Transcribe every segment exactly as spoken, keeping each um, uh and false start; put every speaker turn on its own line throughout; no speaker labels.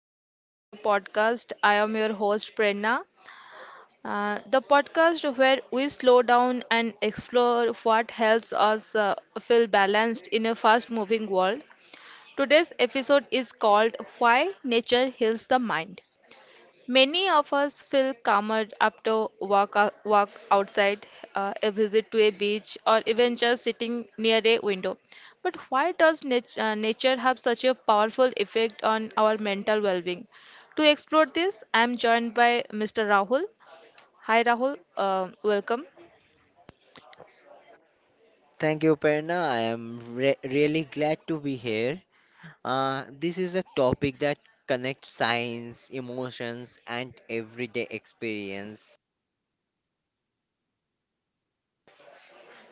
welcome to the podcast. I am your host Prerna. Uh, the podcast where we slow down and explore what helps us uh, feel balanced in a fast moving world. Today's episode is called Why Nature Heals the Mind. Many of us feel calmer after walk ou- walk outside, uh, a visit to a beach, or even just sitting near a window. But why does nat- uh, nature have such a powerful effect on our mental well-being? To explore this, I am joined by mister Rahul. Hi, Rahul. Uh, welcome.
Thank you, Perna. I am re- really glad to be here. Uh, this is a topic that connects science, emotions, and everyday experience.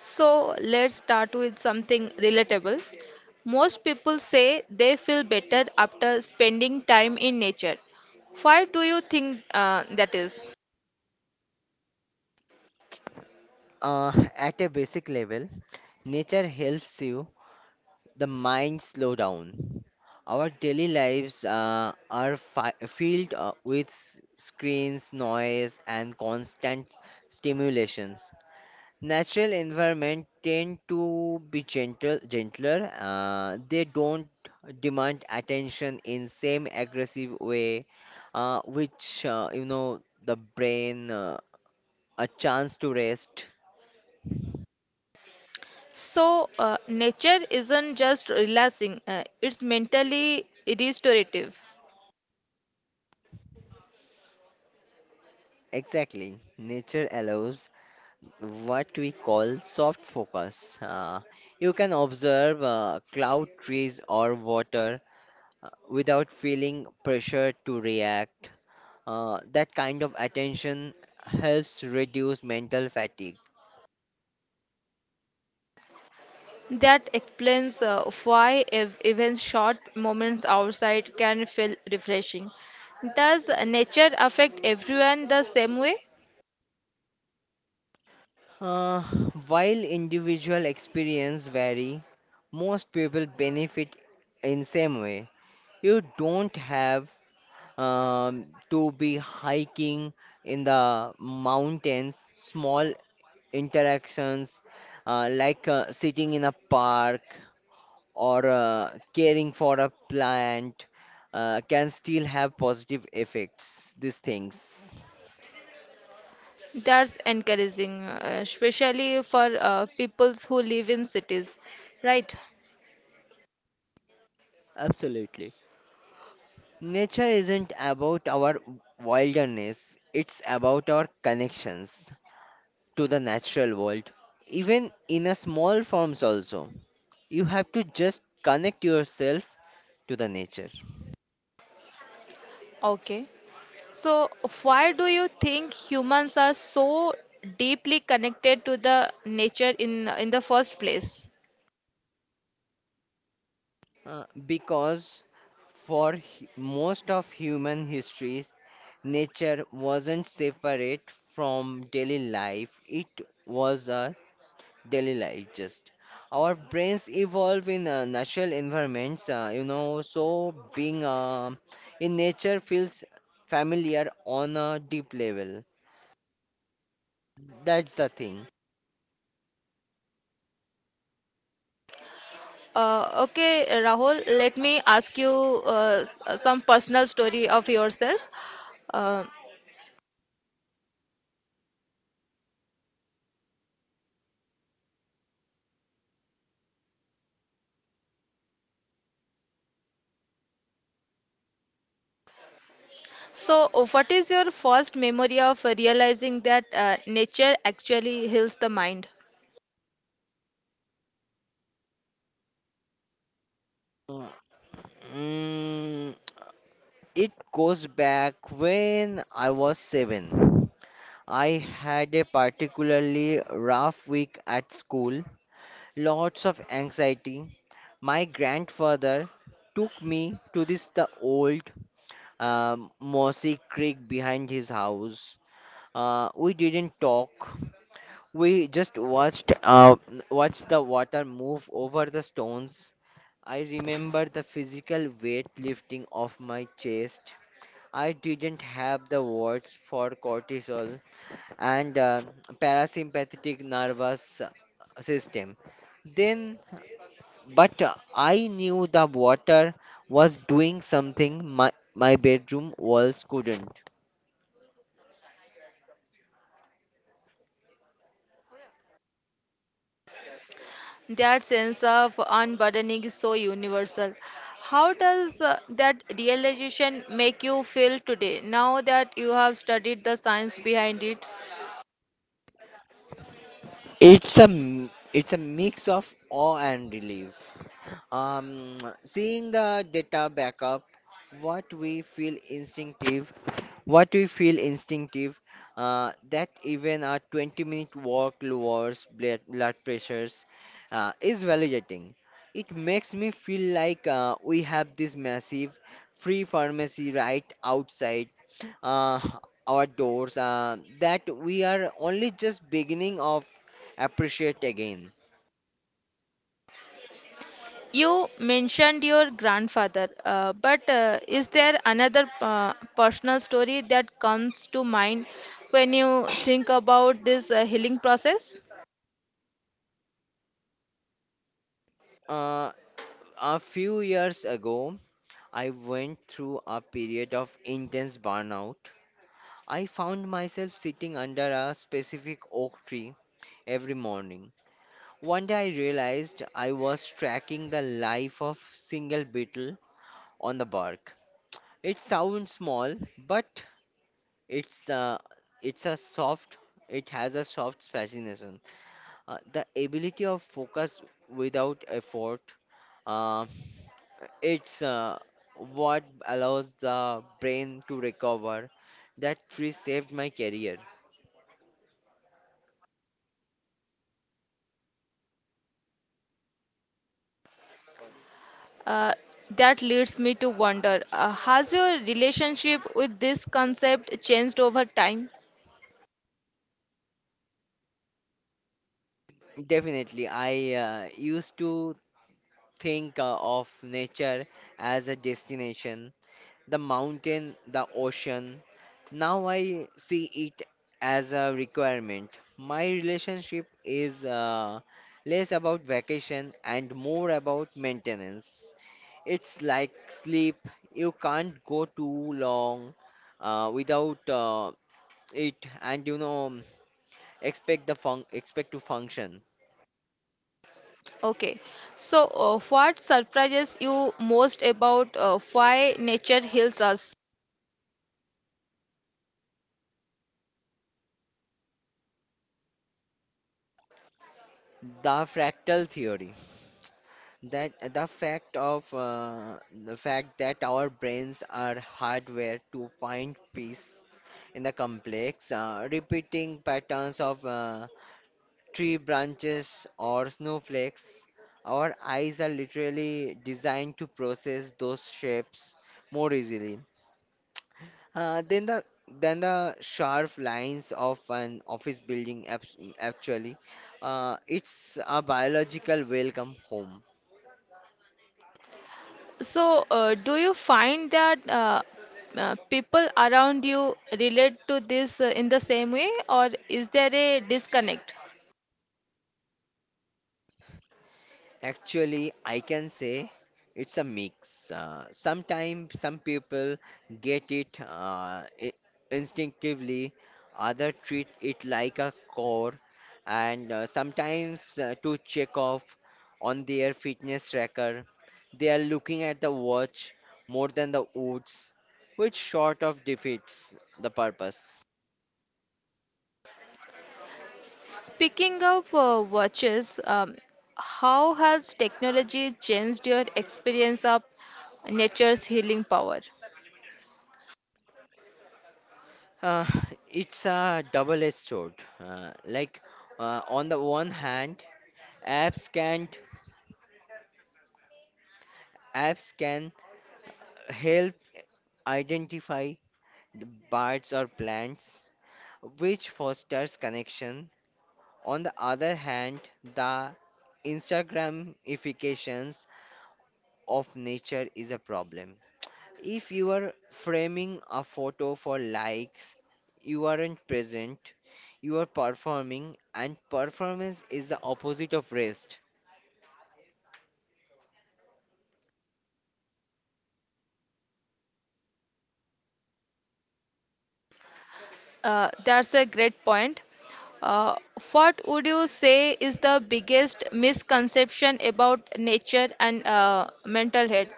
So let's start with something relatable. Most people say they feel better after spending time in nature. Why do you think uh, that is?
Uh, at a basic level, nature helps you, the mind slow down. Our daily lives uh, are fi- filled uh, with screens, noise, and constant stimulations. Natural environment tend to be gentle, gentler. Uh, they don't demand attention in same aggressive way, uh, which uh, you know the brain uh, a chance to rest.
So, uh, nature isn't just relaxing, uh, it's mentally restorative.
Exactly, nature allows what we call soft focus. Uh, you can observe uh, cloud, trees, or water uh, without feeling pressure to react. Uh, that kind of attention helps reduce mental fatigue.
That explains uh, why ev- even short moments outside can feel refreshing. Does nature affect everyone the same way?
Uh, while individual experience vary, most people benefit in same way. You don't have um, to be hiking in the mountains. Small interactions uh, like uh, sitting in a park or uh, caring for a plant uh, can still have positive effects, these things.
That's encouraging, uh, especially for uh, people who live in cities, right?
Absolutely. Nature isn't about our wilderness, it's about our connections to the natural world, even in a small forms also. You have to just connect yourself to the nature.
Okay. So, why do you think humans are so deeply connected to the nature in in the first place?
Uh, because for hu- most of human histories, nature wasn't separate from daily life, it was a daily life just. Our brains evolve in uh, natural environments, uh, you know, so being uh, in nature feels familiar on a deep level. That's the thing.
Uh, okay, Rahul, let me ask you uh, s- some personal story of yourself. Uh, so, what is your first memory of realizing that uh, nature actually heals the mind?
Uh, mm, it goes back when I was seven. I had a particularly rough week at school, lots of anxiety. My grandfather took me to this the old um, mossy creek behind his house. Uh, we didn't talk. We just watched uh, watched the water move over the stones. I remember the physical weight lifting off my chest. I didn't have the words for cortisol and uh, parasympathetic nervous system. Then, but I knew the water was doing something my, my bedroom walls couldn't.
That sense of unburdening is so universal. How does uh, that realization make you feel today, now that you have studied the science behind it?
It's a m- it's a mix of awe and relief. Um, seeing the data backup, what we feel instinctive, what we feel instinctive, uh, that even a twenty minute walk lowers blood blood pressures, uh, is validating. It makes me feel like uh, we have this massive free pharmacy right outside uh, our doors uh, that we are only just beginning of appreciate again.
You mentioned your grandfather, uh, but uh, is there another uh, personal story that comes to mind when you think about this uh, healing process?
Uh, a few years ago, I went through a period of intense burnout. I found myself sitting under a specific oak tree every morning. One day I realized I was tracking the life of single beetle on the bark. It sounds small, but it's uh, it's a soft. It has a soft fascination. Uh, the ability of focus without effort. Uh, it's uh, what allows the brain to recover. That tree saved my career.
Uh, that leads me to wonder, uh, has your relationship with this concept changed over time?
Definitely, I uh, used to think uh, of nature as a destination, the mountain, the ocean. Now I see it as a requirement. My relationship is uh, less about vacation and more about maintenance. It's like sleep. You can't go too long uh, without uh, it, and you know, expect the fun expect to function.
Okay, so uh, what surprises you most about uh, why nature heals us?
The fractal theory. That the fact of uh, The fact that our brains are hardwired to find peace in the complex, uh, repeating patterns of uh, tree branches or snowflakes. Our eyes are literally designed to process those shapes more easily uh, than the than the sharp lines of an office building. abs- Actually, uh, it's a biological welcome home.
So, uh, do you find that uh, uh, people around you relate to this uh, in the same way, or is there a disconnect?
Actually, I can say it's a mix. Uh, sometimes some people get it uh, i- instinctively, other treat it like a core, and uh, sometimes uh, to check off on their fitness tracker, they are looking at the watch more than the woods, which sort of defeats the purpose.
Speaking of uh, watches, um, how has technology changed your experience of nature's healing power?
Uh, it's a double-edged sword. Uh, like, uh, on the one hand, Apps can apps can help identify the birds or plants, which fosters connection. On the other hand, the Instagramifications of nature is a problem. If you are framing a photo for likes, you aren't present, you are performing, and performance is the opposite of rest.
Uh, that's a great point. Uh, what would you say is the biggest misconception about nature and uh, mental health?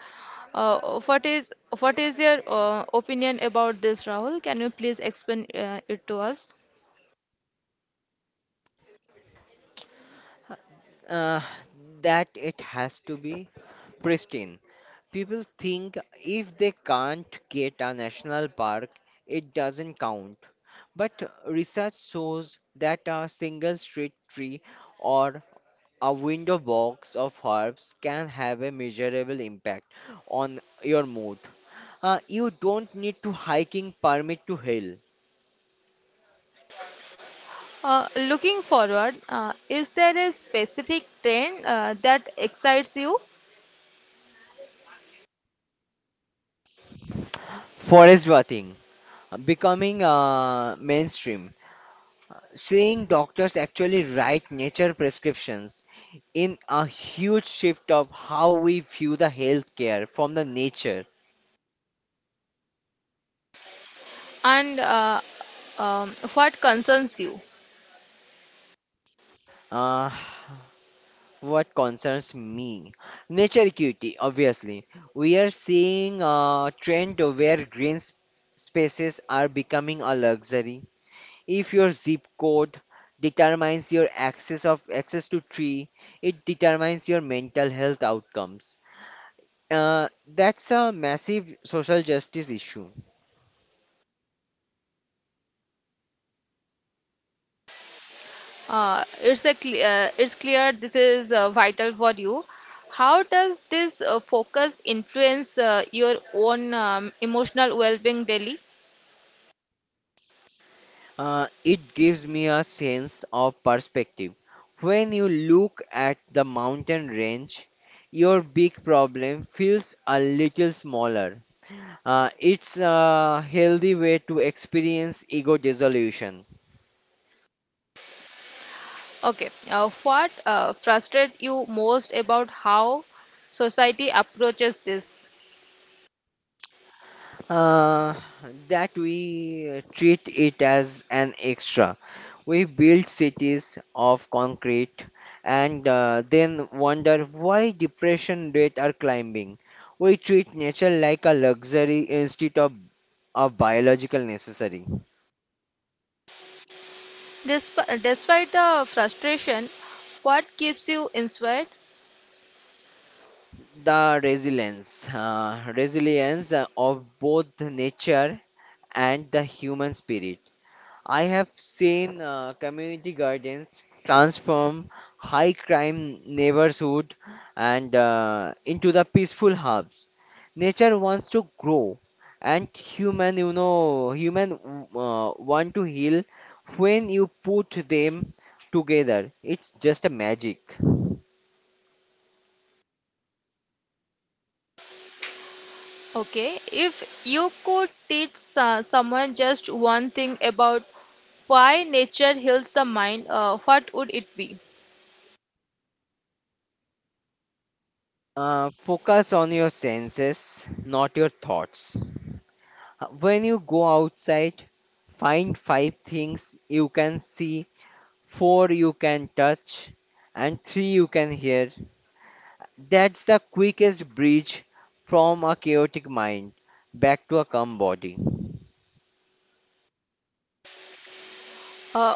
Uh, what is what is your uh, opinion about this, Rahul? Can you please explain uh, it to us?
uh, that it has to be pristine. People think if they can't get a national park, it doesn't count. But research shows that a single street tree or a window box of herbs can have a measurable impact on your mood. Uh, you don't need to hiking permit to hill.
Uh, looking forward, uh, is there a specific trend uh, that excites you,
Forest bathing uh, becoming uh, mainstream. Seeing doctors actually write nature prescriptions in a huge shift of how we view the healthcare from the nature.
and uh, um, what concerns you?
Uh, what concerns me? Nature equity, obviously. We are seeing a trend where green s- spaces are becoming a luxury. If your zip code determines your access of access to tree, it determines your mental health outcomes. Uh, that's a massive social justice issue.
Uh, it's a cle- uh, it's clear this is uh, vital for you. How does this uh, focus influence uh, your own um, emotional well-being daily?
Uh, it gives me a sense of perspective. When you look at the mountain range, your big problem feels a little smaller. Uh, it's a healthy way to experience ego dissolution.
Okay, uh, what uh, frustrates you most about how society approaches this?
uh, that we uh, treat it as an extra. We build cities of concrete and uh, then wonder why depression rates are climbing. We treat nature like a luxury instead of a biological necessary.
Desp- despite the frustration, what keeps you inspired?
The resilience, uh, resilience uh, of both nature and the human spirit. I have seen uh, community gardens transform high crime neighborhood and uh, into the peaceful hubs. Nature wants to grow, and human, you know, human uh, want to heal. When you put them together, it's just a magic.
Okay, if you could teach uh, someone just one thing about why nature heals the mind, uh, what would it be?
Uh, focus on your senses, not your thoughts. Uh, When you go outside, find five things you can see four you can touch, and three you can hear. That's the quickest bridge from a chaotic mind back to a calm body.
Uh,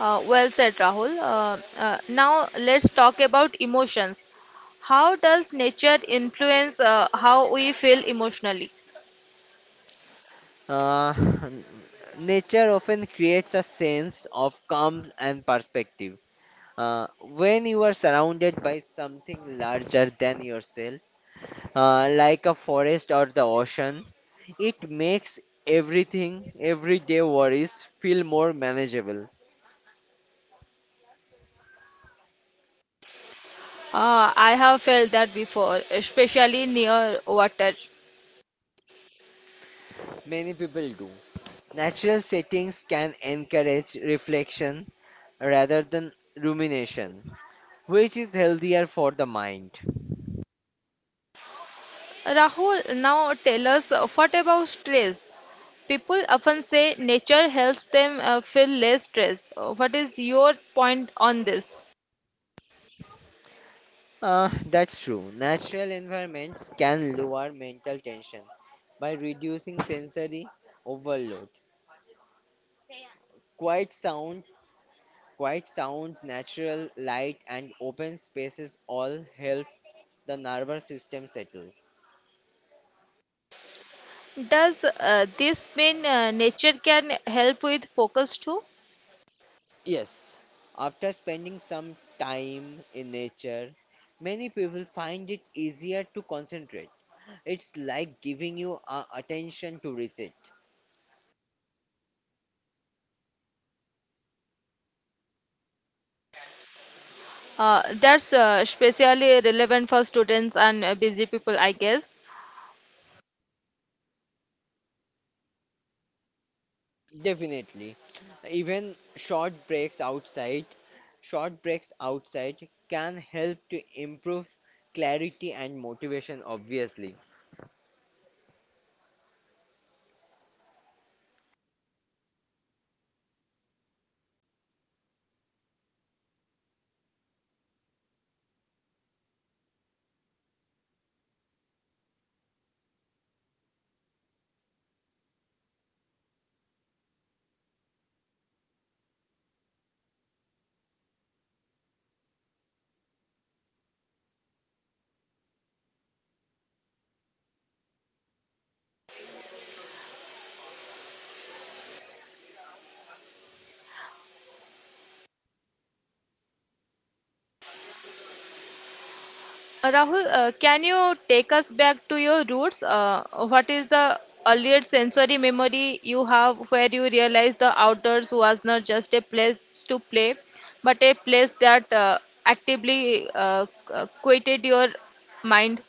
uh, well said, Rahul. Uh, uh, now let's talk about emotions. How does nature influence uh, how we feel emotionally?
Uh, nature often creates a sense of calm and perspective. Uh, when you are surrounded by something larger than yourself, uh, like a forest or the ocean, it makes everything, everyday worries feel more manageable.
Uh, I have felt that before, especially near water.
Many people do. Natural settings can encourage reflection rather than rumination, which is healthier for the mind.
Rahul, now tell us uh, what about stress? People often say nature helps them uh, feel less stressed. Uh, What is your point on this?
Uh, that's true. Natural environments can lower mental tension by reducing sensory overload. Quiet sound, quiet sounds, natural light, and open spaces all help the nervous system settle.
Does uh, this mean uh, nature can help with focus too?
Yes, after spending some time in nature, many people find it easier to concentrate. It's like giving you uh, attention to reset.
Uh, that's uh, especially relevant for students and uh, busy people, I guess.
Definitely. Even short breaks outside, short breaks outside can help to improve clarity and motivation, obviously.
Uh, Rahul, uh, can you take us back to your roots? Uh, what is the earliest sensory memory you have where you realized the outdoors was not just a place to play, but a place that uh, actively uh, uh, quieted your mind?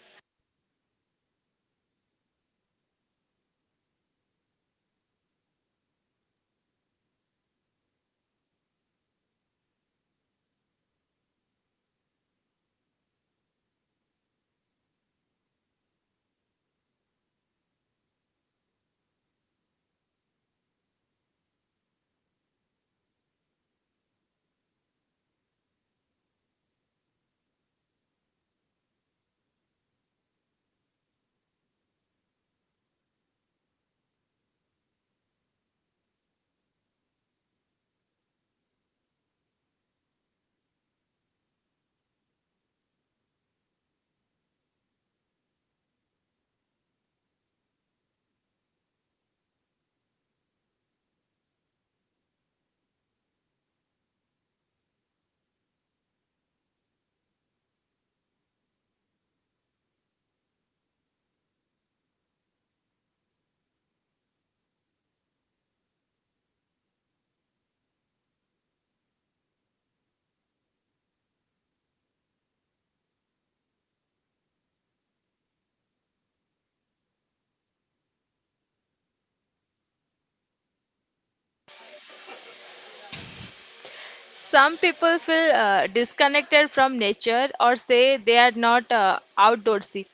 Some people feel uh, disconnected from nature or say they are not uh, outdoorsy.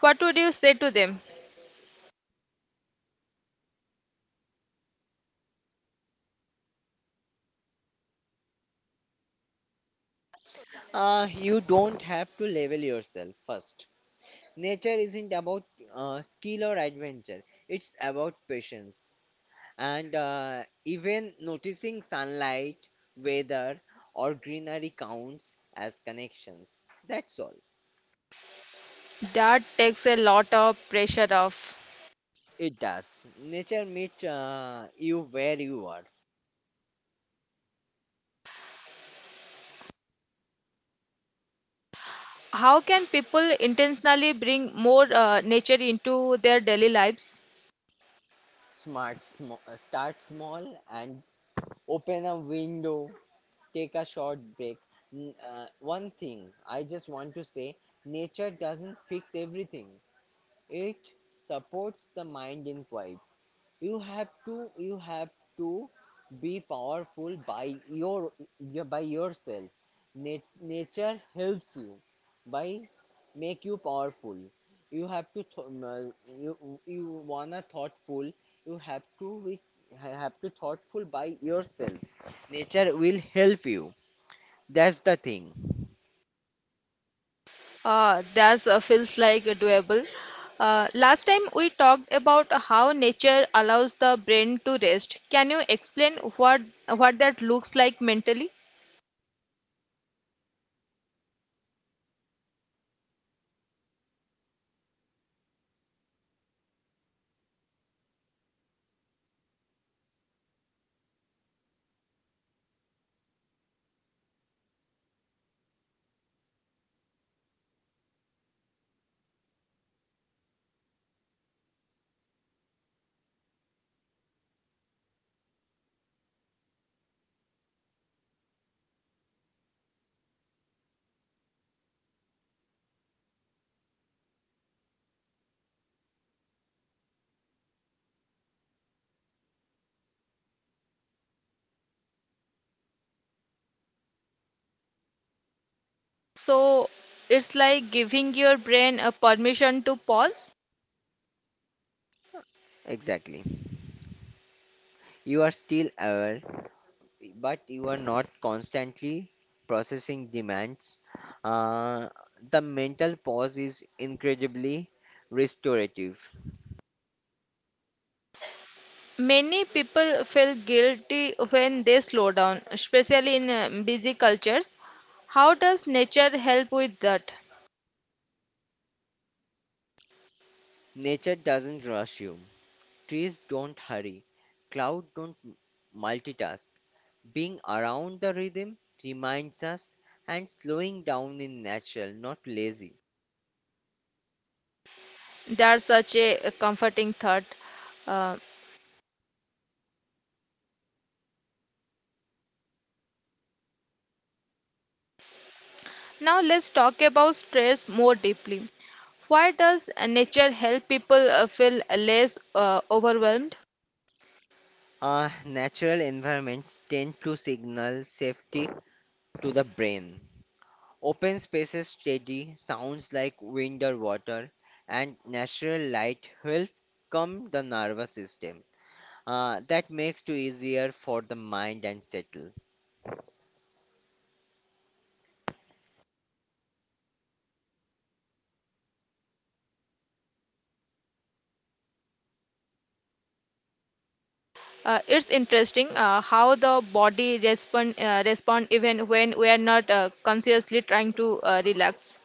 What would you say to them?
Uh, you don't have to level yourself first. Nature isn't about uh, skill or adventure, it's about patience. And uh, even noticing sunlight, weather, or greenery counts as connections. That's all.
That takes a lot of pressure off.
It does. Nature meets uh, you where you are.
How can people intentionally bring more uh, nature into their daily lives?
Smart, sm- uh, start small and open a window. Take a short break. N- uh, one thing I just want to say: nature doesn't fix everything. It supports the mind in quiet. you have to you have to be powerful by your your- by yourself. Nat- nature helps you by make you powerful. you have to th- um, uh, you you wanna thoughtful. You have to be ha- have to thoughtful by yourself. Nature will help you. That's the thing.
Uh, that uh, feels like doable. Uh, last time we talked about how nature allows the brain to rest. Can you explain what what that looks like mentally? So it's like giving your brain a permission to pause.
Exactly. You are still aware but you are not constantly processing demands. Uh, the mental pause is incredibly restorative.
Many people feel guilty when they slow down, especially in uh, busy cultures. How does nature help with that?
Nature doesn't rush you. Trees don't hurry. Cloud don't m- multitask. Being around the rhythm reminds us and slowing down in natural, not lazy.
That's such a a comforting thought. Uh, now let's talk about stress more deeply. Why does uh, nature help people uh, feel less uh, overwhelmed?
Uh, natural environments tend to signal safety to the brain. Open spaces steady sounds like wind or water, and natural light help calm the nervous system. Uh, that makes it easier for the mind and settle.
Uh, it's interesting uh, how the body respond uh, respond even when we are not uh, consciously trying to uh, relax.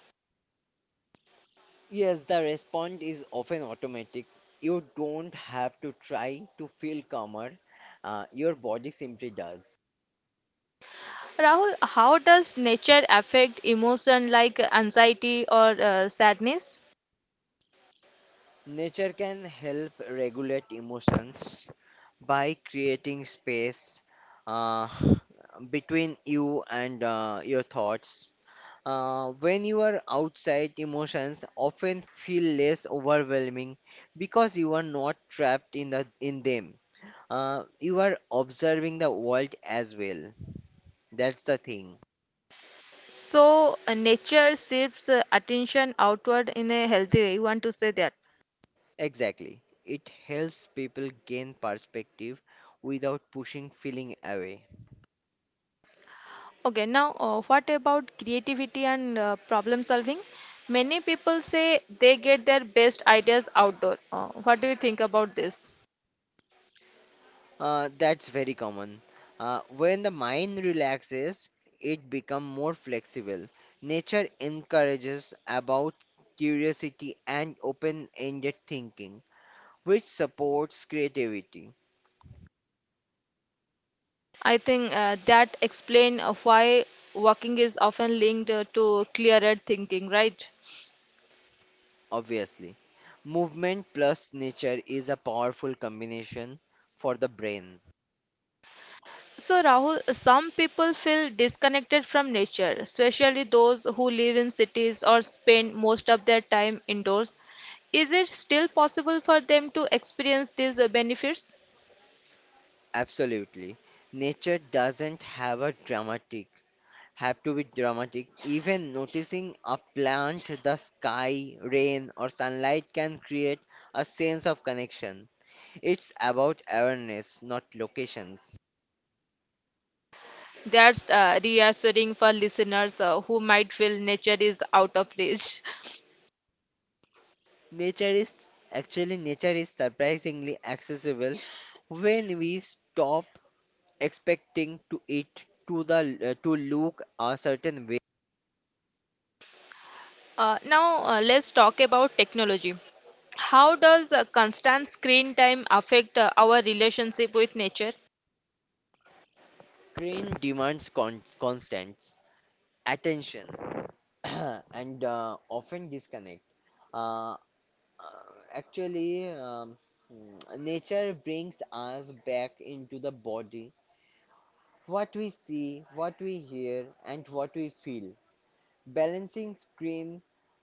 Yes, the response is often automatic. You don't have to try to feel calmer. Uh, your body simply does.
Rahul, how does nature affect emotion like anxiety or uh, sadness?
Nature can help regulate emotions by creating space uh, between you and uh, your thoughts. Uh, when you are outside, emotions often feel less overwhelming because you are not trapped in the in them. Uh, you are observing the world as well. That's the thing.
So, uh, nature shifts uh, attention outward in a healthy way. You want to say that?
Exactly. It helps people gain perspective without pushing feeling away.
Okay, now uh, what about creativity and uh, problem solving? Many people say they get their best ideas outdoor. Uh, what do you think about this?
Uh, that's very common. Uh, when the mind relaxes, it becomes more flexible. Nature encourages about curiosity and open-ended thinking, which supports creativity,
I think uh, that explain uh, why walking is often linked uh, to clearer thinking, right?
obviously. Movement plus nature is a powerful combination for the brain.
So, Rahul, some people feel disconnected from nature, especially those who live in cities or spend most of their time indoors. Is it still possible for them to experience these uh, benefits?
Absolutely. Nature doesn't have a dramatic have to be dramatic. Even noticing a plant, the sky, rain, or sunlight can create a sense of connection. It's about awareness, not locations.
That's uh, reassuring for listeners uh, who might feel nature is out of reach.
Nature is actually, nature is surprisingly accessible when we stop expecting to it to the uh, to look a certain way.
Uh, now, uh, let's talk about technology. How does uh, constant screen time affect uh, our relationship with nature?
Screen demands con- constant attention and uh, often disconnect. Uh, Uh, actually, um, mm, nature brings us back into the body. What we see, what we hear, and what we feel. Balancing screen,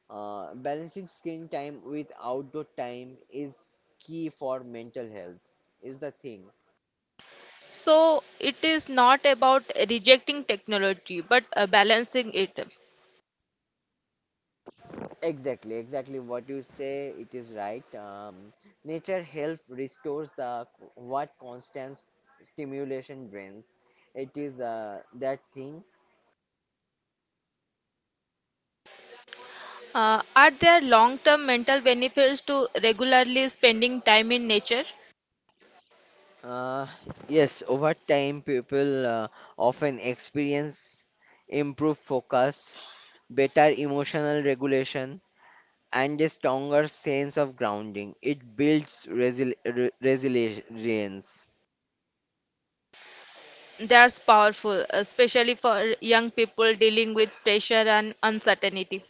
uh, balancing screen time with outdoor time is key for mental health. Is the thing.
So it is not about rejecting technology, but uh, balancing it.
Exactly, exactly what you say? It is right. Um, nature help restores the what constant stimulation drains. It is uh, that thing.
Uh, are there long-term mental benefits to regularly spending time in nature?
Uh, yes, over time, people uh, often experience improved focus, better emotional regulation, and a stronger sense of grounding. It builds resil re- resilience.
That's powerful, especially for young people dealing with pressure and uncertainty.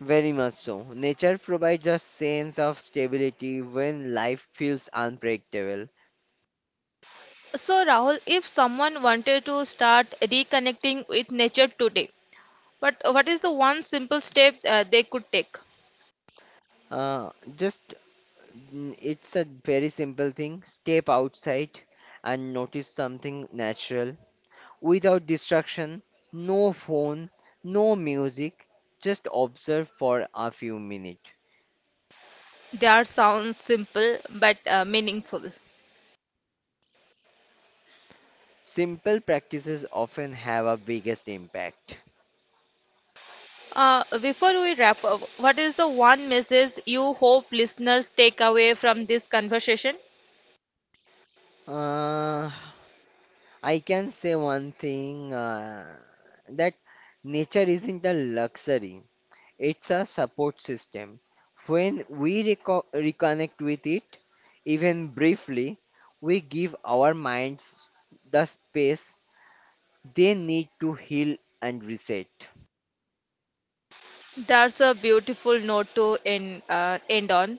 Very much so. Nature provides a sense of stability when life feels unpredictable.
So, Rahul, if someone wanted to start reconnecting with nature today, but what is the one simple step uh, they could take?
Uh, just mm, it's a very simple thing. Step outside and notice something natural without distraction, no phone, no music, just observe for a few minutes.
That sounds simple but uh, meaningful.
Simple practices often have a biggest impact.
Uh, before we wrap up, what is the one message you hope listeners take away from this conversation?
Uh, I can say one thing uh, that nature isn't a luxury, it's a support system. When we reco- reconnect with it, even briefly, we give our minds the space they need to heal and reset.
That's a beautiful note to end, uh, end on.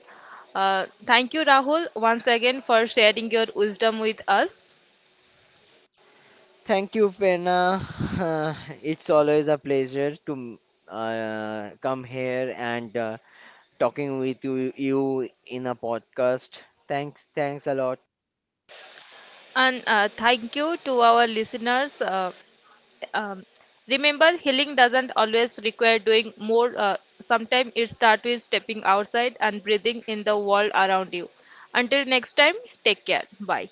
Uh, thank you, Rahul, once again for sharing your wisdom with us.
Thank you, Pena. It's always a pleasure to uh, come here and uh, talking with you, you in a podcast. Thanks, thanks a lot.
And uh, thank you to our listeners. Uh, um, remember, healing doesn't always require doing more. Uh, sometimes it starts with stepping outside and breathing in the world around you. Until next time, take care. Bye.